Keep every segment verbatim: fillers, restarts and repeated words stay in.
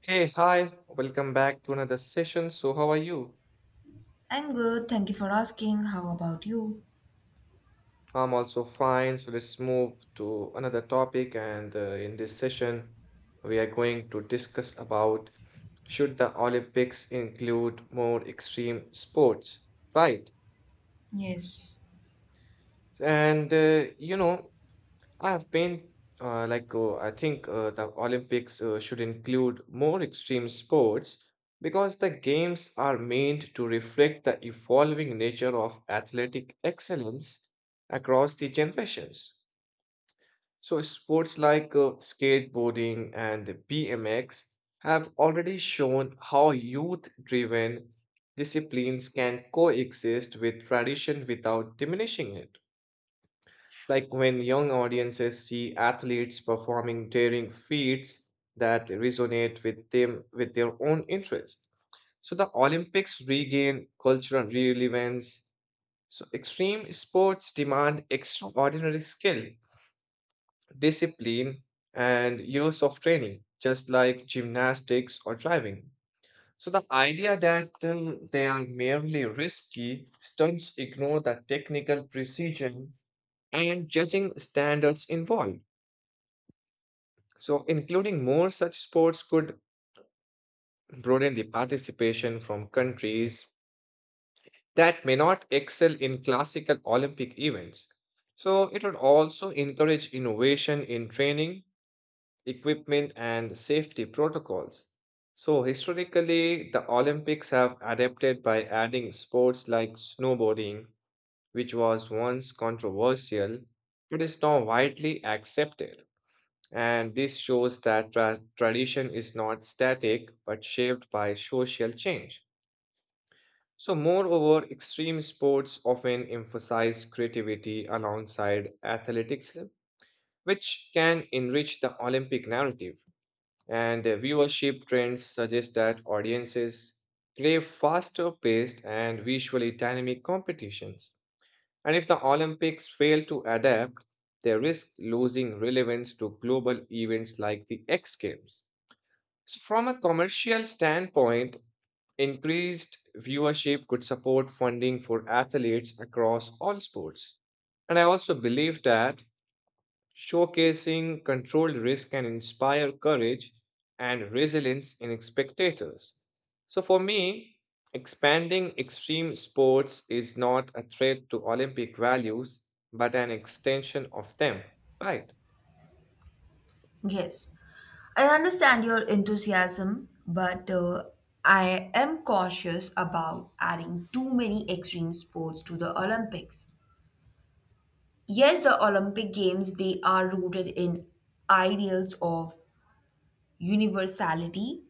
Hey, hi, welcome back to another session. So, how are you? I'm good, thank you for asking. How about you? I'm also fine. So, let's move to another topic. And uh, in this session, we are going to discuss about should the Olympics include more extreme sports, right? Yes. And uh, you know, I've been uh, like uh, I think uh, The Olympics uh, should include more extreme sports because the games are meant to reflect the evolving nature of athletic excellence across the generations. So sports like uh, skateboarding and B M X have already shown how youth-driven disciplines can coexist with tradition without diminishing it. Like when young audiences see athletes performing daring feats that resonate with them with their own interest. So the Olympics regain cultural relevance. So extreme sports demand extraordinary skill, discipline, and years of training, just like gymnastics or driving. So the idea that um, they are merely risky stunts ignore the technical precision and judging standards involved. So, including more such sports could broaden the participation from countries that may not excel in classical Olympic events. So, it would also encourage innovation in training, equipment, and safety protocols. So, historically, the Olympics have adapted by adding sports like snowboarding, which was once controversial, but is now widely accepted. And this shows that tra- tradition is not static but shaped by social change. So, moreover, extreme sports often emphasize creativity alongside athletics, which can enrich the Olympic narrative. And uh, Viewership trends suggest that audiences crave faster paced and visually dynamic competitions. And if the Olympics fail to adapt, they risk losing relevance to global events like the X Games. So from a commercial standpoint, increased viewership could support funding for athletes across all sports. And I also believe that showcasing controlled risk can inspire courage and resilience in spectators. So for me, expanding extreme sports is not a threat to Olympic values, but an extension of them. Right. Yes, I understand your enthusiasm, but uh, I am cautious about adding too many extreme sports to the Olympics. Yes, the Olympic Games they are rooted in ideals of universality,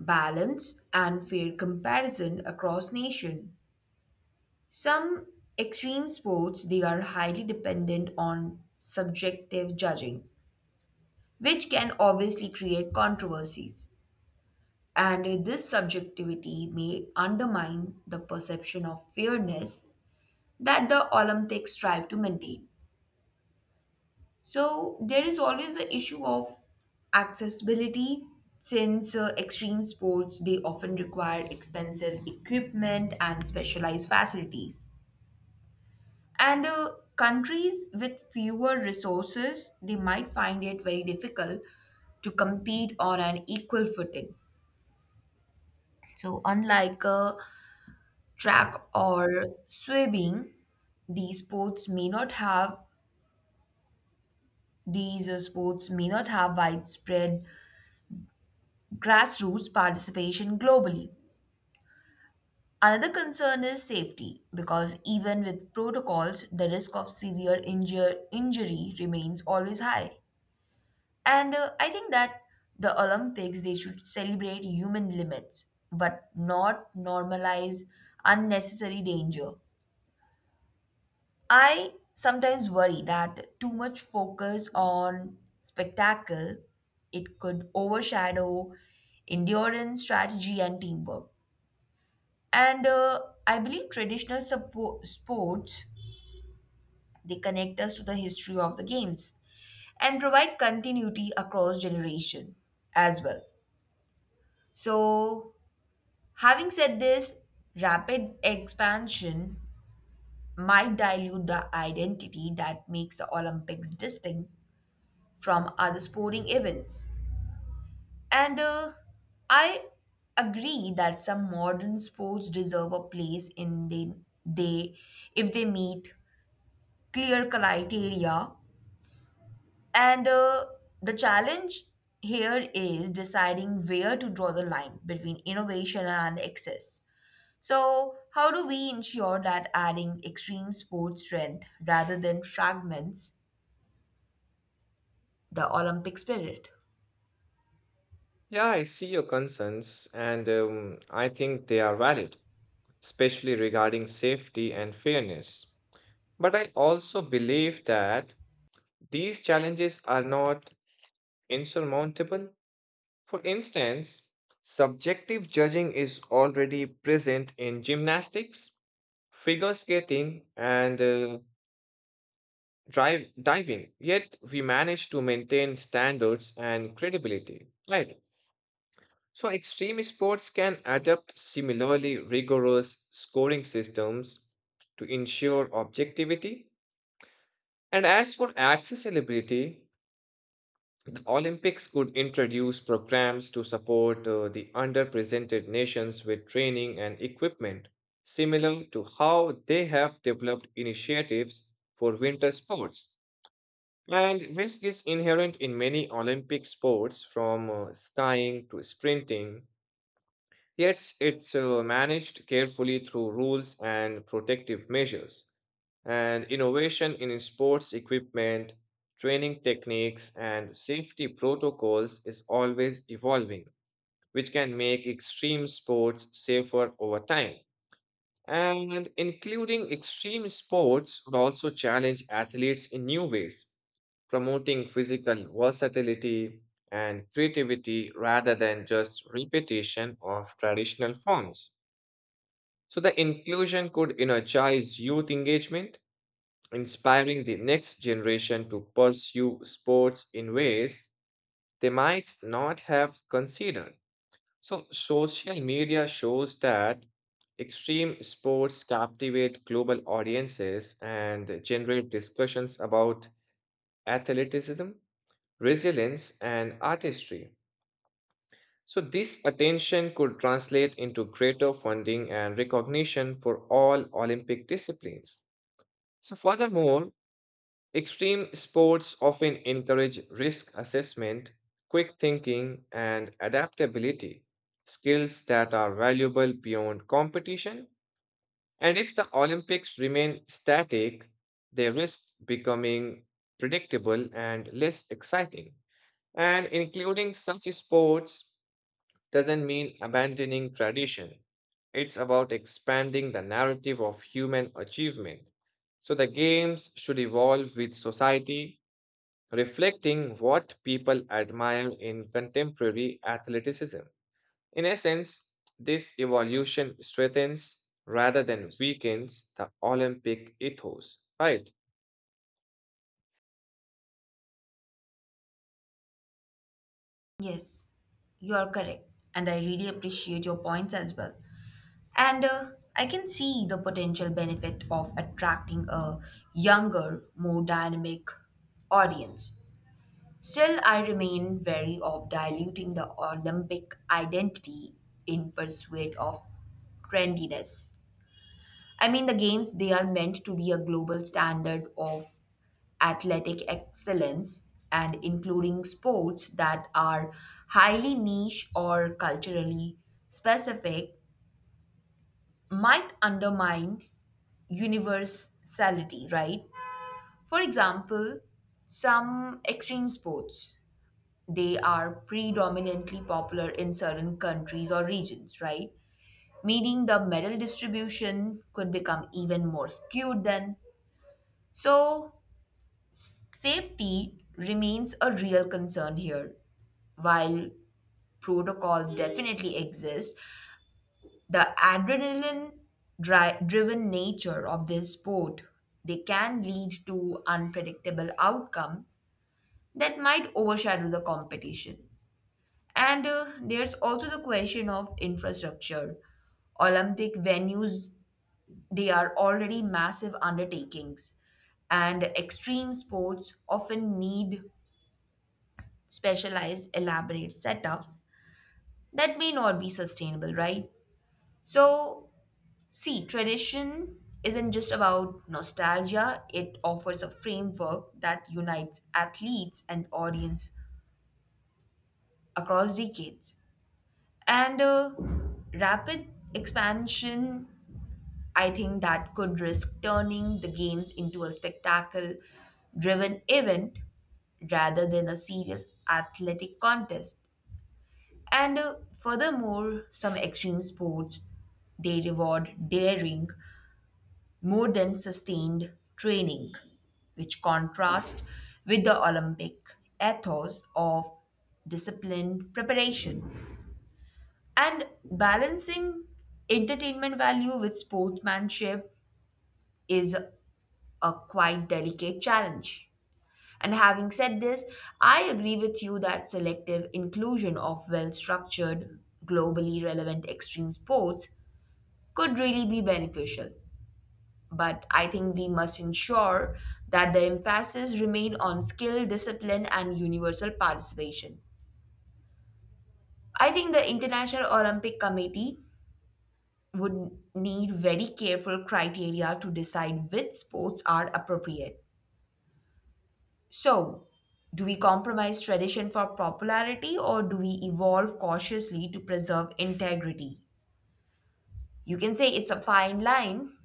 balance, and fair comparison across nation. Some extreme sports they are highly dependent on subjective judging which can obviously create controversies. And this subjectivity may undermine the perception of fairness that the Olympics strive to maintain. So, there is always the issue of accessibility since uh, extreme sports they often require expensive equipment and specialized facilities, and uh, countries with fewer resources they might find it very difficult to compete on an equal footing. So, unlike a track or swimming, these sports may not have these uh, sports may not have widespread grassroots participation globally. Another concern is safety because even with protocols, the risk of severe injure, injury remains always high. And uh, I think that the Olympics they should celebrate human limits but not normalize unnecessary danger. I sometimes worry that too much focus on spectacle it could overshadow endurance, strategy, and teamwork. And uh, I believe traditional suppo- sports they connect us to the history of the games and provide continuity across generation as well. So, having said this, rapid expansion might dilute the identity that makes the Olympics distinct from other sporting events. And uh, I agree that some modern sports deserve a place in they, they if they meet clear criteria. And uh, the challenge here is deciding where to draw the line between innovation and excess. So, how do we ensure that adding extreme sports strength rather than fragments the Olympic spirit? Yeah, I see your concerns, and um, I think they are valid, especially regarding safety and fairness. But I also believe that these challenges are not insurmountable. For instance, subjective judging is already present in gymnastics, figure skating, and uh, drive, diving, yet we manage to maintain standards and credibility. Right. So, extreme sports can adopt similarly rigorous scoring systems to ensure objectivity. And as for accessibility, the Olympics could introduce programs to support uh, the underrepresented nations with training and equipment, similar to how they have developed initiatives for winter sports. And risk is inherent in many Olympic sports, from uh, skiing to sprinting, yet it's uh, managed carefully through rules and protective measures. And innovation in sports equipment, training techniques, and safety protocols is always evolving, which can make extreme sports safer over time. And including extreme sports would also challenge athletes in new ways, promoting physical versatility and creativity rather than just repetition of traditional forms. So, the inclusion could energize youth engagement, inspiring the next generation to pursue sports in ways they might not have considered. So social media shows that extreme sports captivate global audiences and generate discussions about athleticism, resilience, and artistry. So this attention could translate into greater funding and recognition for all Olympic disciplines. So furthermore, extreme sports often encourage risk assessment, quick thinking, and adaptability, skills that are valuable beyond competition. And if the Olympics remain static, they risk becoming predictable and less exciting. And including such sports doesn't mean abandoning tradition. It's about expanding the narrative of human achievement. So the games should evolve with society reflecting what people admire in contemporary athleticism. In essence, this evolution strengthens rather than weakens the Olympic ethos, right? Yes, you are correct, and I really appreciate your points as well. And uh, I can see the potential benefit of attracting a younger, more dynamic audience. Still, I remain wary of diluting the Olympic identity in pursuit of trendiness. I mean, the games, they are meant to be a global standard of athletic excellence, and including sports that are highly niche or culturally specific might undermine universality, right? For example, some extreme sports they are predominantly popular in certain countries or regions, right? Meaning the medal distribution could become even more skewed then. So, safety remains a real concern here. While protocols definitely exist, the adrenaline dri- driven nature of this sport they can lead to unpredictable outcomes that might overshadow the competition. And uh, there's also the question of infrastructure. Olympic venues they are already massive undertakings, and extreme sports often need specialized elaborate setups that may not be sustainable, right? So, see, tradition isn't just about nostalgia, it offers a framework that unites athletes and audience across decades. And uh, rapid expansion, I think that could risk turning the games into a spectacle driven event rather than a serious athletic contest. And uh, furthermore, some extreme sports they reward daring more than sustained training, which contrasts with the Olympic ethos of disciplined preparation. And balancing entertainment value with sportsmanship is a quite delicate challenge. And having said this, I agree with you that selective inclusion of well structured, globally relevant extreme sports could really be beneficial. But I think we must ensure that the emphasis remain on skill, discipline, and universal participation. I think the International Olympic Committee would need very careful criteria to decide which sports are appropriate. So, do we compromise tradition for popularity or do we evolve cautiously to preserve integrity? You can say it's a fine line,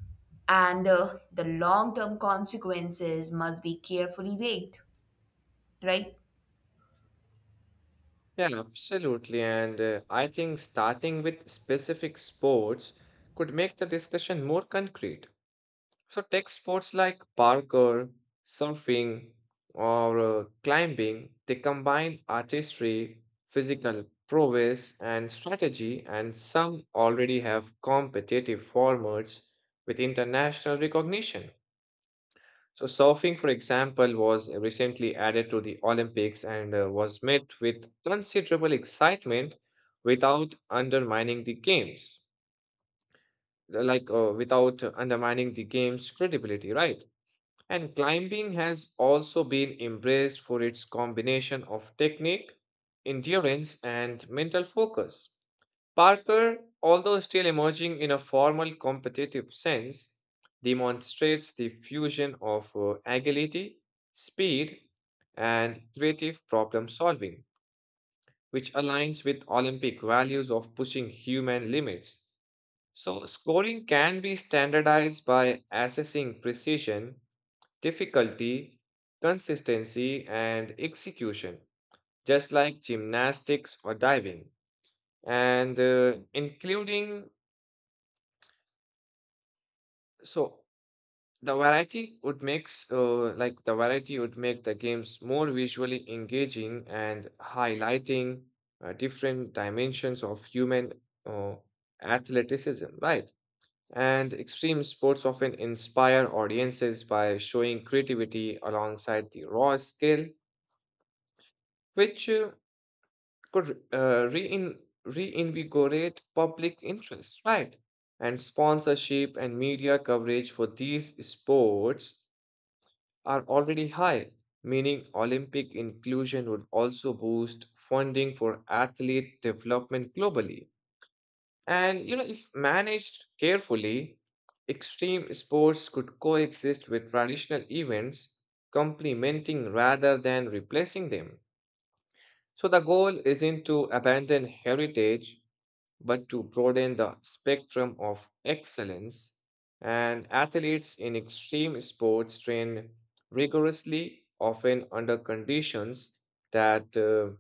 and uh, the long term consequences must be carefully weighed, right? Yeah, absolutely. And uh, I think starting with specific sports could make the discussion more concrete. So tech sports like parkour, surfing, or uh, climbing, they combine artistry, physical prowess, and strategy, and some already have competitive formats with international recognition. So surfing, for example, was recently added to the Olympics and uh, was met with considerable excitement without undermining the games, like uh, without undermining the game's credibility, right? And climbing has also been embraced for its combination of technique, endurance, and mental focus. Parker, although still emerging in a formal competitive sense, demonstrates the fusion of uh, agility, speed, and creative problem solving, which aligns with Olympic values of pushing human limits. So, scoring can be standardized by assessing precision difficulty, consistency, and execution, just like gymnastics or diving. And uh, including, so the variety would makes uh, like the variety would make the games more visually engaging and highlighting uh, different dimensions of human uh, athleticism, right? And extreme sports often inspire audiences by showing creativity alongside the raw skill, which uh, could uh, rein- reinvigorate public interest, right? And sponsorship and media coverage for these sports are already high, meaning Olympic inclusion would also boost funding for athlete development globally. And you know, if managed carefully, extreme sports could coexist with traditional events, complementing rather than replacing them. So the goal isn't to abandon heritage, but to broaden the spectrum of excellence. And athletes in extreme sports train rigorously, often under conditions that uh,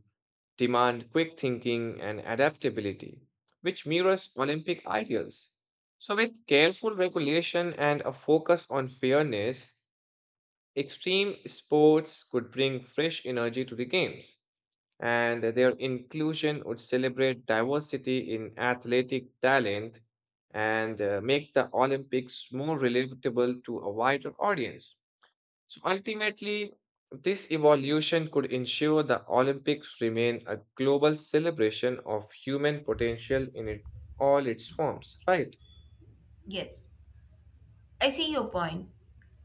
demand quick thinking and adaptability, which mirrors Olympic ideals. So, with careful regulation and a focus on fairness, extreme sports could bring fresh energy to the games and their inclusion would celebrate diversity in athletic talent and uh, make the Olympics more relatable to a wider audience. So ultimately, this evolution could ensure the Olympics remain a global celebration of human potential in it, all its forms, right? Yes, I see your point,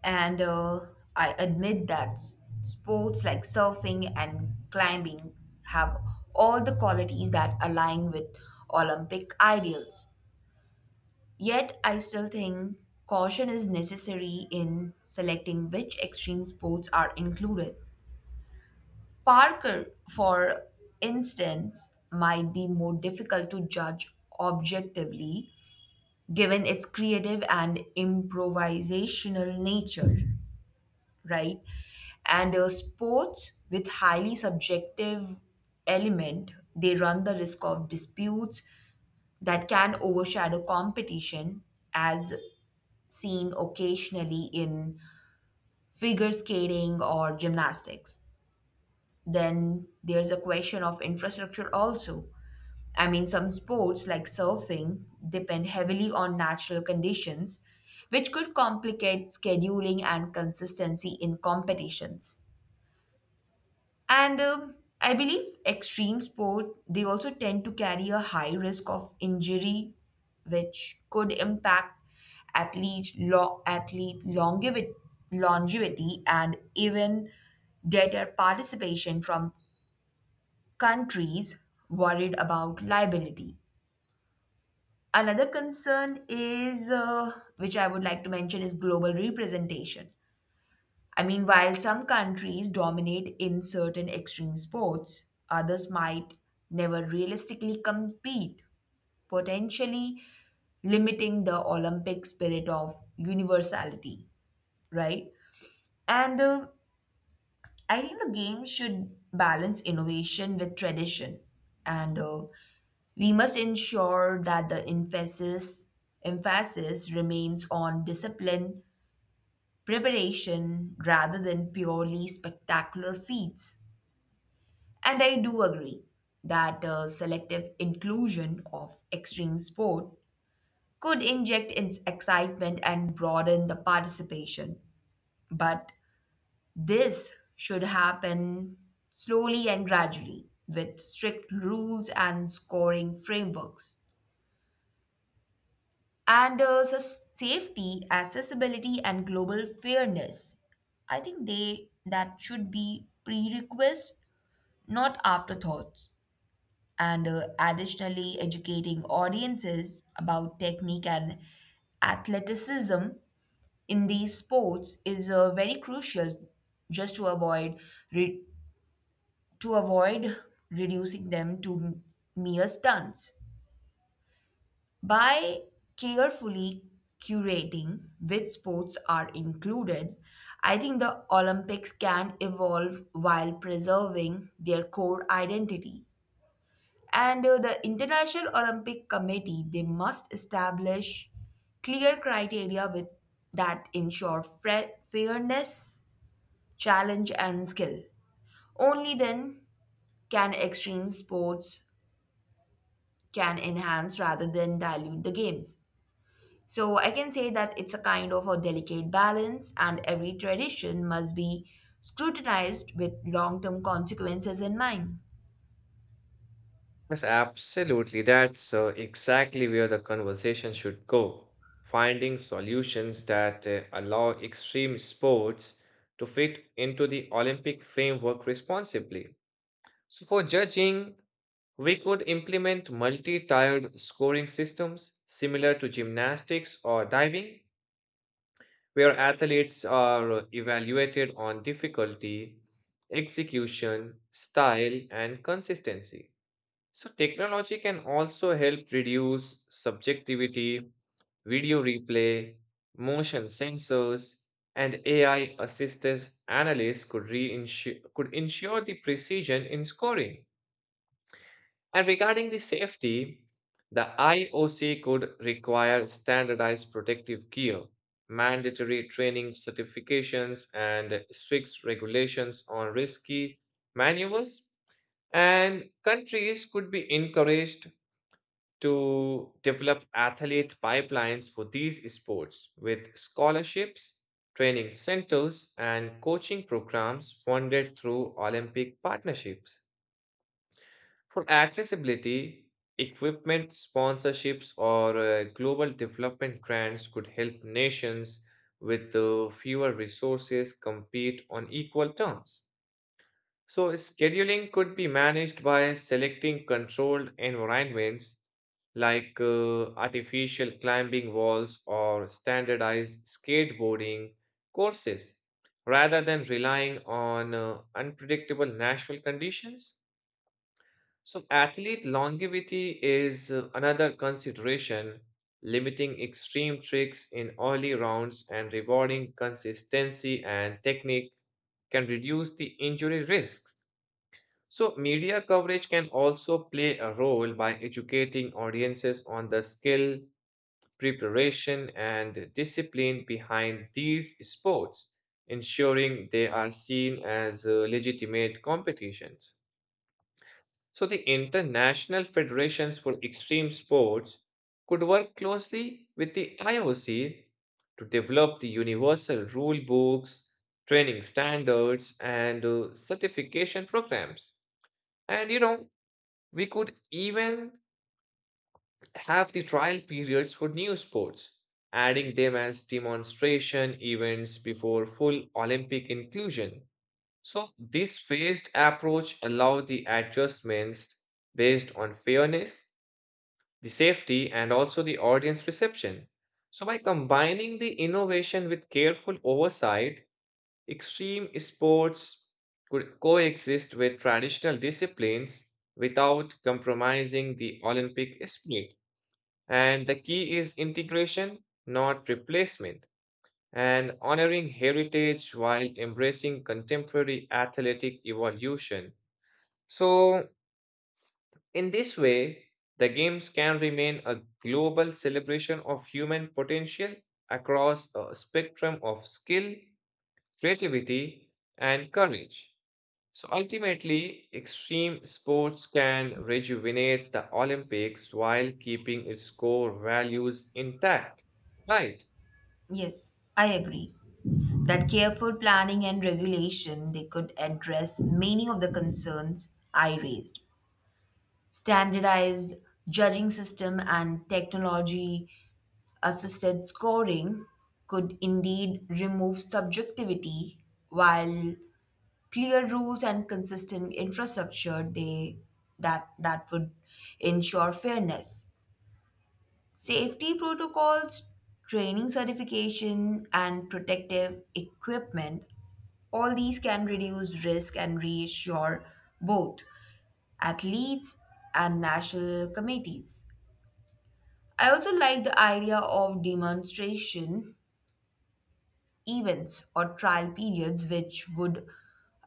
and uh, I admit that sports like surfing and climbing have all the qualities that align with Olympic ideals. Yet, I still think caution is necessary in selecting which extreme sports are included. Parker, for instance, might be more difficult to judge objectively given its creative and improvisational nature, right? And uh, sports with highly subjective element, they run the risk of disputes that can overshadow competition as seen occasionally in figure skating or gymnastics. Then there's a question of infrastructure also. I mean, some sports like surfing depend heavily on natural conditions, which could complicate scheduling and consistency in competitions. And um I believe extreme sport they also tend to carry a high risk of injury, which could impact athlete lo- athlete longevity, longevity and even deter participation from countries worried about liability. Another concern is, uh, which I would like to mention, is global representation. I mean, while some countries dominate in certain extreme sports, others might never realistically compete, potentially limiting the Olympic spirit of universality, right? And uh, I think the game should balance innovation with tradition. And uh, we must ensure that the emphasis, emphasis remains on discipline, preparation, rather than purely spectacular feats. And I do agree that the selective inclusion of extreme sport could inject ins- excitement and broaden the participation. But this should happen slowly and gradually with strict rules and scoring frameworks. And uh, sus- safety, accessibility, and global fairness. I think they that should be prerequisites, not afterthoughts. And uh, additionally educating audiences about technique and athleticism in these sports is uh, very crucial just to avoid re- to avoid reducing them to mere stunts. By carefully curating which sports are included, I think the Olympics can evolve while preserving their core identity. And uh, the International Olympic Committee, they must establish clear criteria with that ensure fre- fairness, challenge, and skill. Only then can extreme sports can enhance rather than dilute the games. So I can say that it's a kind of a delicate balance, and every tradition must be scrutinized with long-term consequences in mind. Yes, absolutely. That's uh, exactly where the conversation should go. Finding solutions that uh, allow extreme sports to fit into the Olympic framework responsibly. So, for judging, we could implement multi-tiered scoring systems similar to gymnastics or diving, where athletes are evaluated on difficulty, execution, style, and consistency. So technology can also help reduce subjectivity, video replay, motion sensors, and A I assisted analysts could, reinsure, could ensure the precision in scoring. And regarding the safety, the I O C could require standardized protective gear, mandatory training certifications, and strict regulations on risky maneuvers and countries could be encouraged to develop athlete pipelines for these sports with scholarships, training centers, and coaching programs funded through Olympic partnerships. For accessibility, equipment sponsorships or uh, global development grants could help nations with uh, fewer resources compete on equal terms. So, scheduling could be managed by selecting controlled environments like uh, artificial climbing walls or standardized skateboarding courses rather than relying on uh, unpredictable natural conditions. So, athlete longevity is uh, another consideration, limiting extreme tricks in early rounds and rewarding consistency and technique can reduce the injury risks. So, media coverage can also play a role by educating audiences on the skill, preparation, and discipline behind these sports, ensuring they are seen as uh, legitimate competitions. So, the international federations for extreme sports could work closely with the I O C to develop the universal rule books, training standards, and uh, certification programs. And you know, we could even have the trial periods for new sports, adding them as demonstration events before full Olympic inclusion. So, this phased approach allows the adjustments based on fairness, the safety, and also the audience reception. So, by combining the innovation with careful oversight, extreme sports could coexist with traditional disciplines without compromising the Olympic spirit. And the key is integration, not replacement, and honoring heritage while embracing contemporary athletic evolution. So, in this way, the Games can remain a global celebration of human potential across a spectrum of skill creativity, and courage. So ultimately, extreme sports can rejuvenate the Olympics while keeping its core values intact, right? Yes, I agree that careful planning and regulation they could address many of the concerns I raised. Standardized judging system and technology assisted scoring could indeed remove subjectivity while clear rules and consistent infrastructure they that that would ensure fairness. Safety protocols, training certification, and protective equipment, all these can reduce risk and reassure both athletes and national committees. I also like the idea of demonstration events or trial periods, which would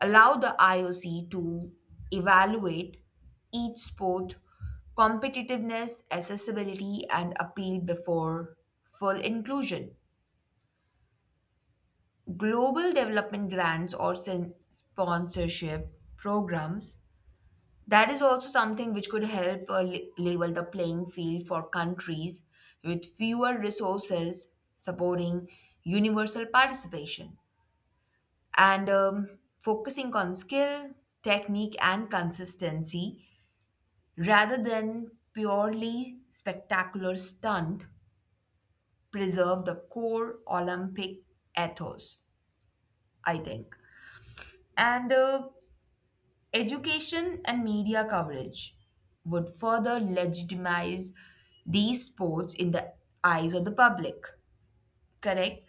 allow the I O C to evaluate each sport competitiveness, accessibility, and appeal before full inclusion. Global development grants or sen- sponsorship programs, that is also something which could help uh, la- level the playing field for countries with fewer resources supporting universal participation. And um, focusing on skill, technique and consistency rather than purely spectacular stunt preserve the core Olympic ethos, I think. And uh, education and media coverage would further legitimize these sports in the eyes of the public, correct?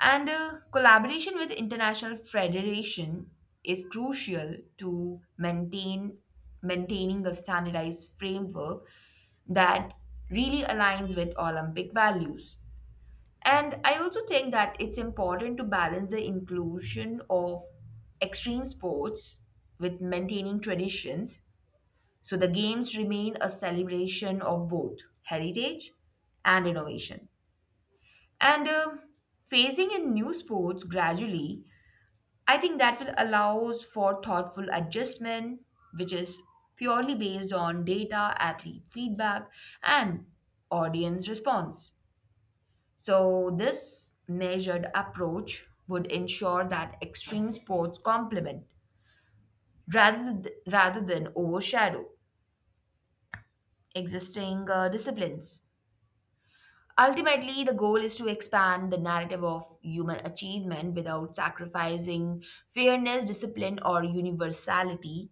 And uh, collaboration with international federation is crucial to maintain maintaining a standardized framework that really aligns with Olympic values. And I also think that it's important to balance the inclusion of extreme sports with maintaining traditions so the games remain a celebration of both heritage and innovation. And uh, phasing in new sports gradually, I think that will allows for thoughtful adjustment, which is purely based on data, athlete feedback, and audience response. So this measured approach would ensure that extreme sports complement rather th- rather than overshadow existing uh, disciplines. Ultimately, the goal is to expand the narrative of human achievement without sacrificing fairness, discipline, or universality.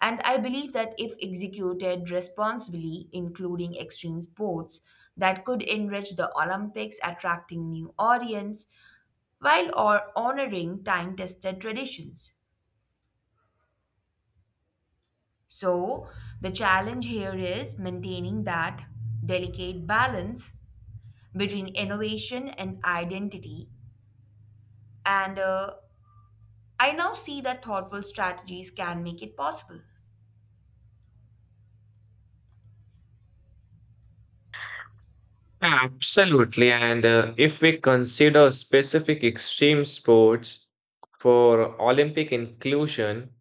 And I believe that if executed responsibly, including extreme sports, that could enrich the Olympics, attracting new audience while or honoring time-tested traditions. So, the challenge here is maintaining that delicate balance between innovation and identity, and uh, I now see that thoughtful strategies can make it possible. Absolutely. And uh, If we consider specific extreme sports for Olympic inclusion,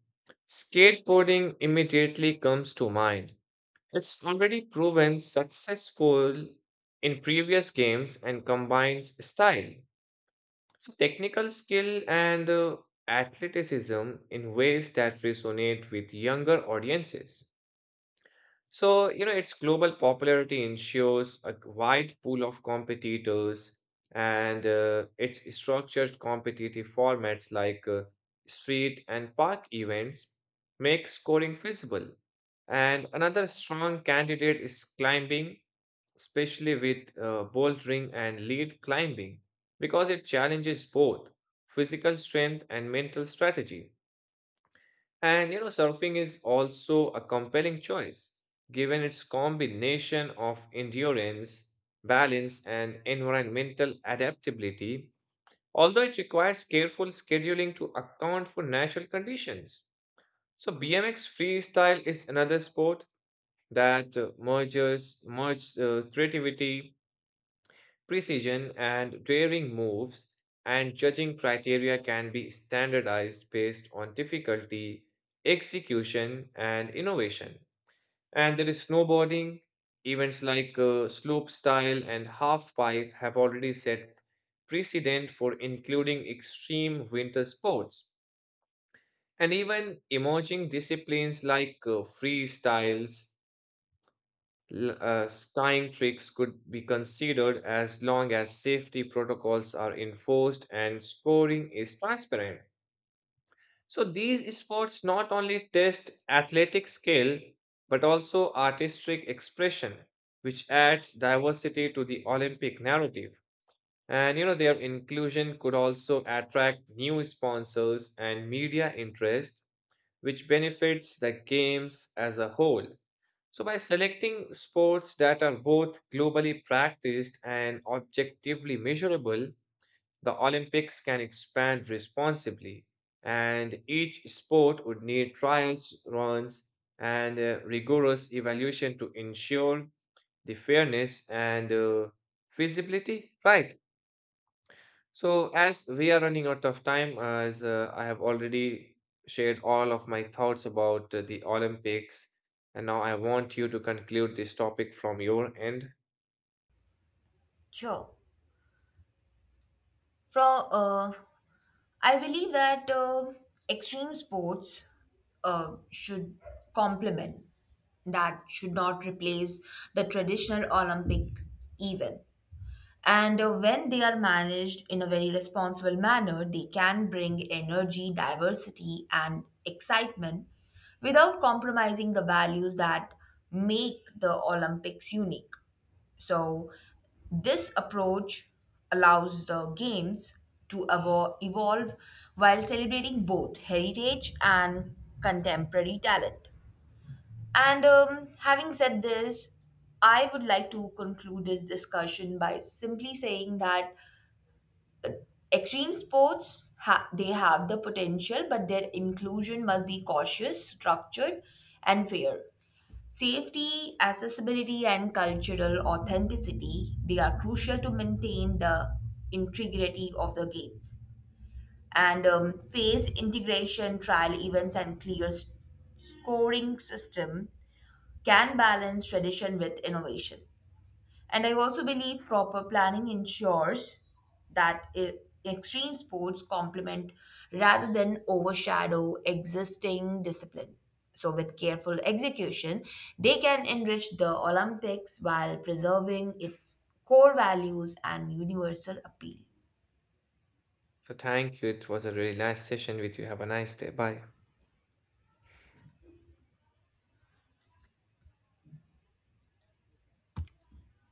skateboarding immediately comes to mind. It's already proven successful in previous games and combines style, so technical skill and uh, athleticism in ways that resonate with younger audiences. So, you know, its global popularity ensures a wide pool of competitors and uh, its structured competitive formats like uh, street and park events make scoring feasible. And another strong candidate is climbing especially with uh, bouldering and lead climbing, because it challenges both physical strength and mental strategy. And you know, surfing is also a compelling choice, given its combination of endurance, balance, and environmental adaptability, although it requires careful scheduling to account for natural conditions. So, B M X freestyle is another sport that uh, merges merges uh, creativity, precision and daring moves and judging criteria can be standardized based on difficulty, execution, and innovation. And there is snowboarding. Events like uh, slope style and half pipe have already set precedent for including extreme winter sports. And even emerging disciplines like uh, freestyles L- uh, skying tricks could be considered as long as safety protocols are enforced and scoring is transparent. So, these sports not only test athletic skill but also artistic expression, which adds diversity to the Olympic narrative. And you know, their inclusion could also attract new sponsors and media interest, which benefits the games as a whole. So, by selecting sports that are both globally practiced and objectively measurable, the Olympics can expand responsibly. And each sport would need trials, runs, and uh, rigorous evaluation to ensure the fairness and uh, feasibility, right? So, as we are running out of time, as uh, I have already shared all of my thoughts about uh, the Olympics, and now I want you to conclude this topic from your end. Sure. From uh, I believe that uh, extreme sports uh, should complement, that should not replace the traditional Olympic event. And uh, when they are managed in a very responsible manner, they can bring energy, diversity, and excitement without compromising the values that make the Olympics unique. So, this approach allows the games to evo- evolve while celebrating both heritage and contemporary talent. And um, having said this, I would like to conclude this discussion by simply saying that extreme sports ha- they have the potential, but their inclusion must be cautious, structured, and fair. Safety, accessibility, and cultural authenticity they are crucial to maintain the integrity of the games. And um, phase integration, trial events, and clear s- scoring system can balance tradition with innovation. And I also believe proper planning ensures that e- extreme sports complement rather than overshadow existing discipline. So, with careful execution, they can enrich the Olympics while preserving its core values and universal appeal. So, thank you. It was a really nice session with you. Have a nice day. Bye.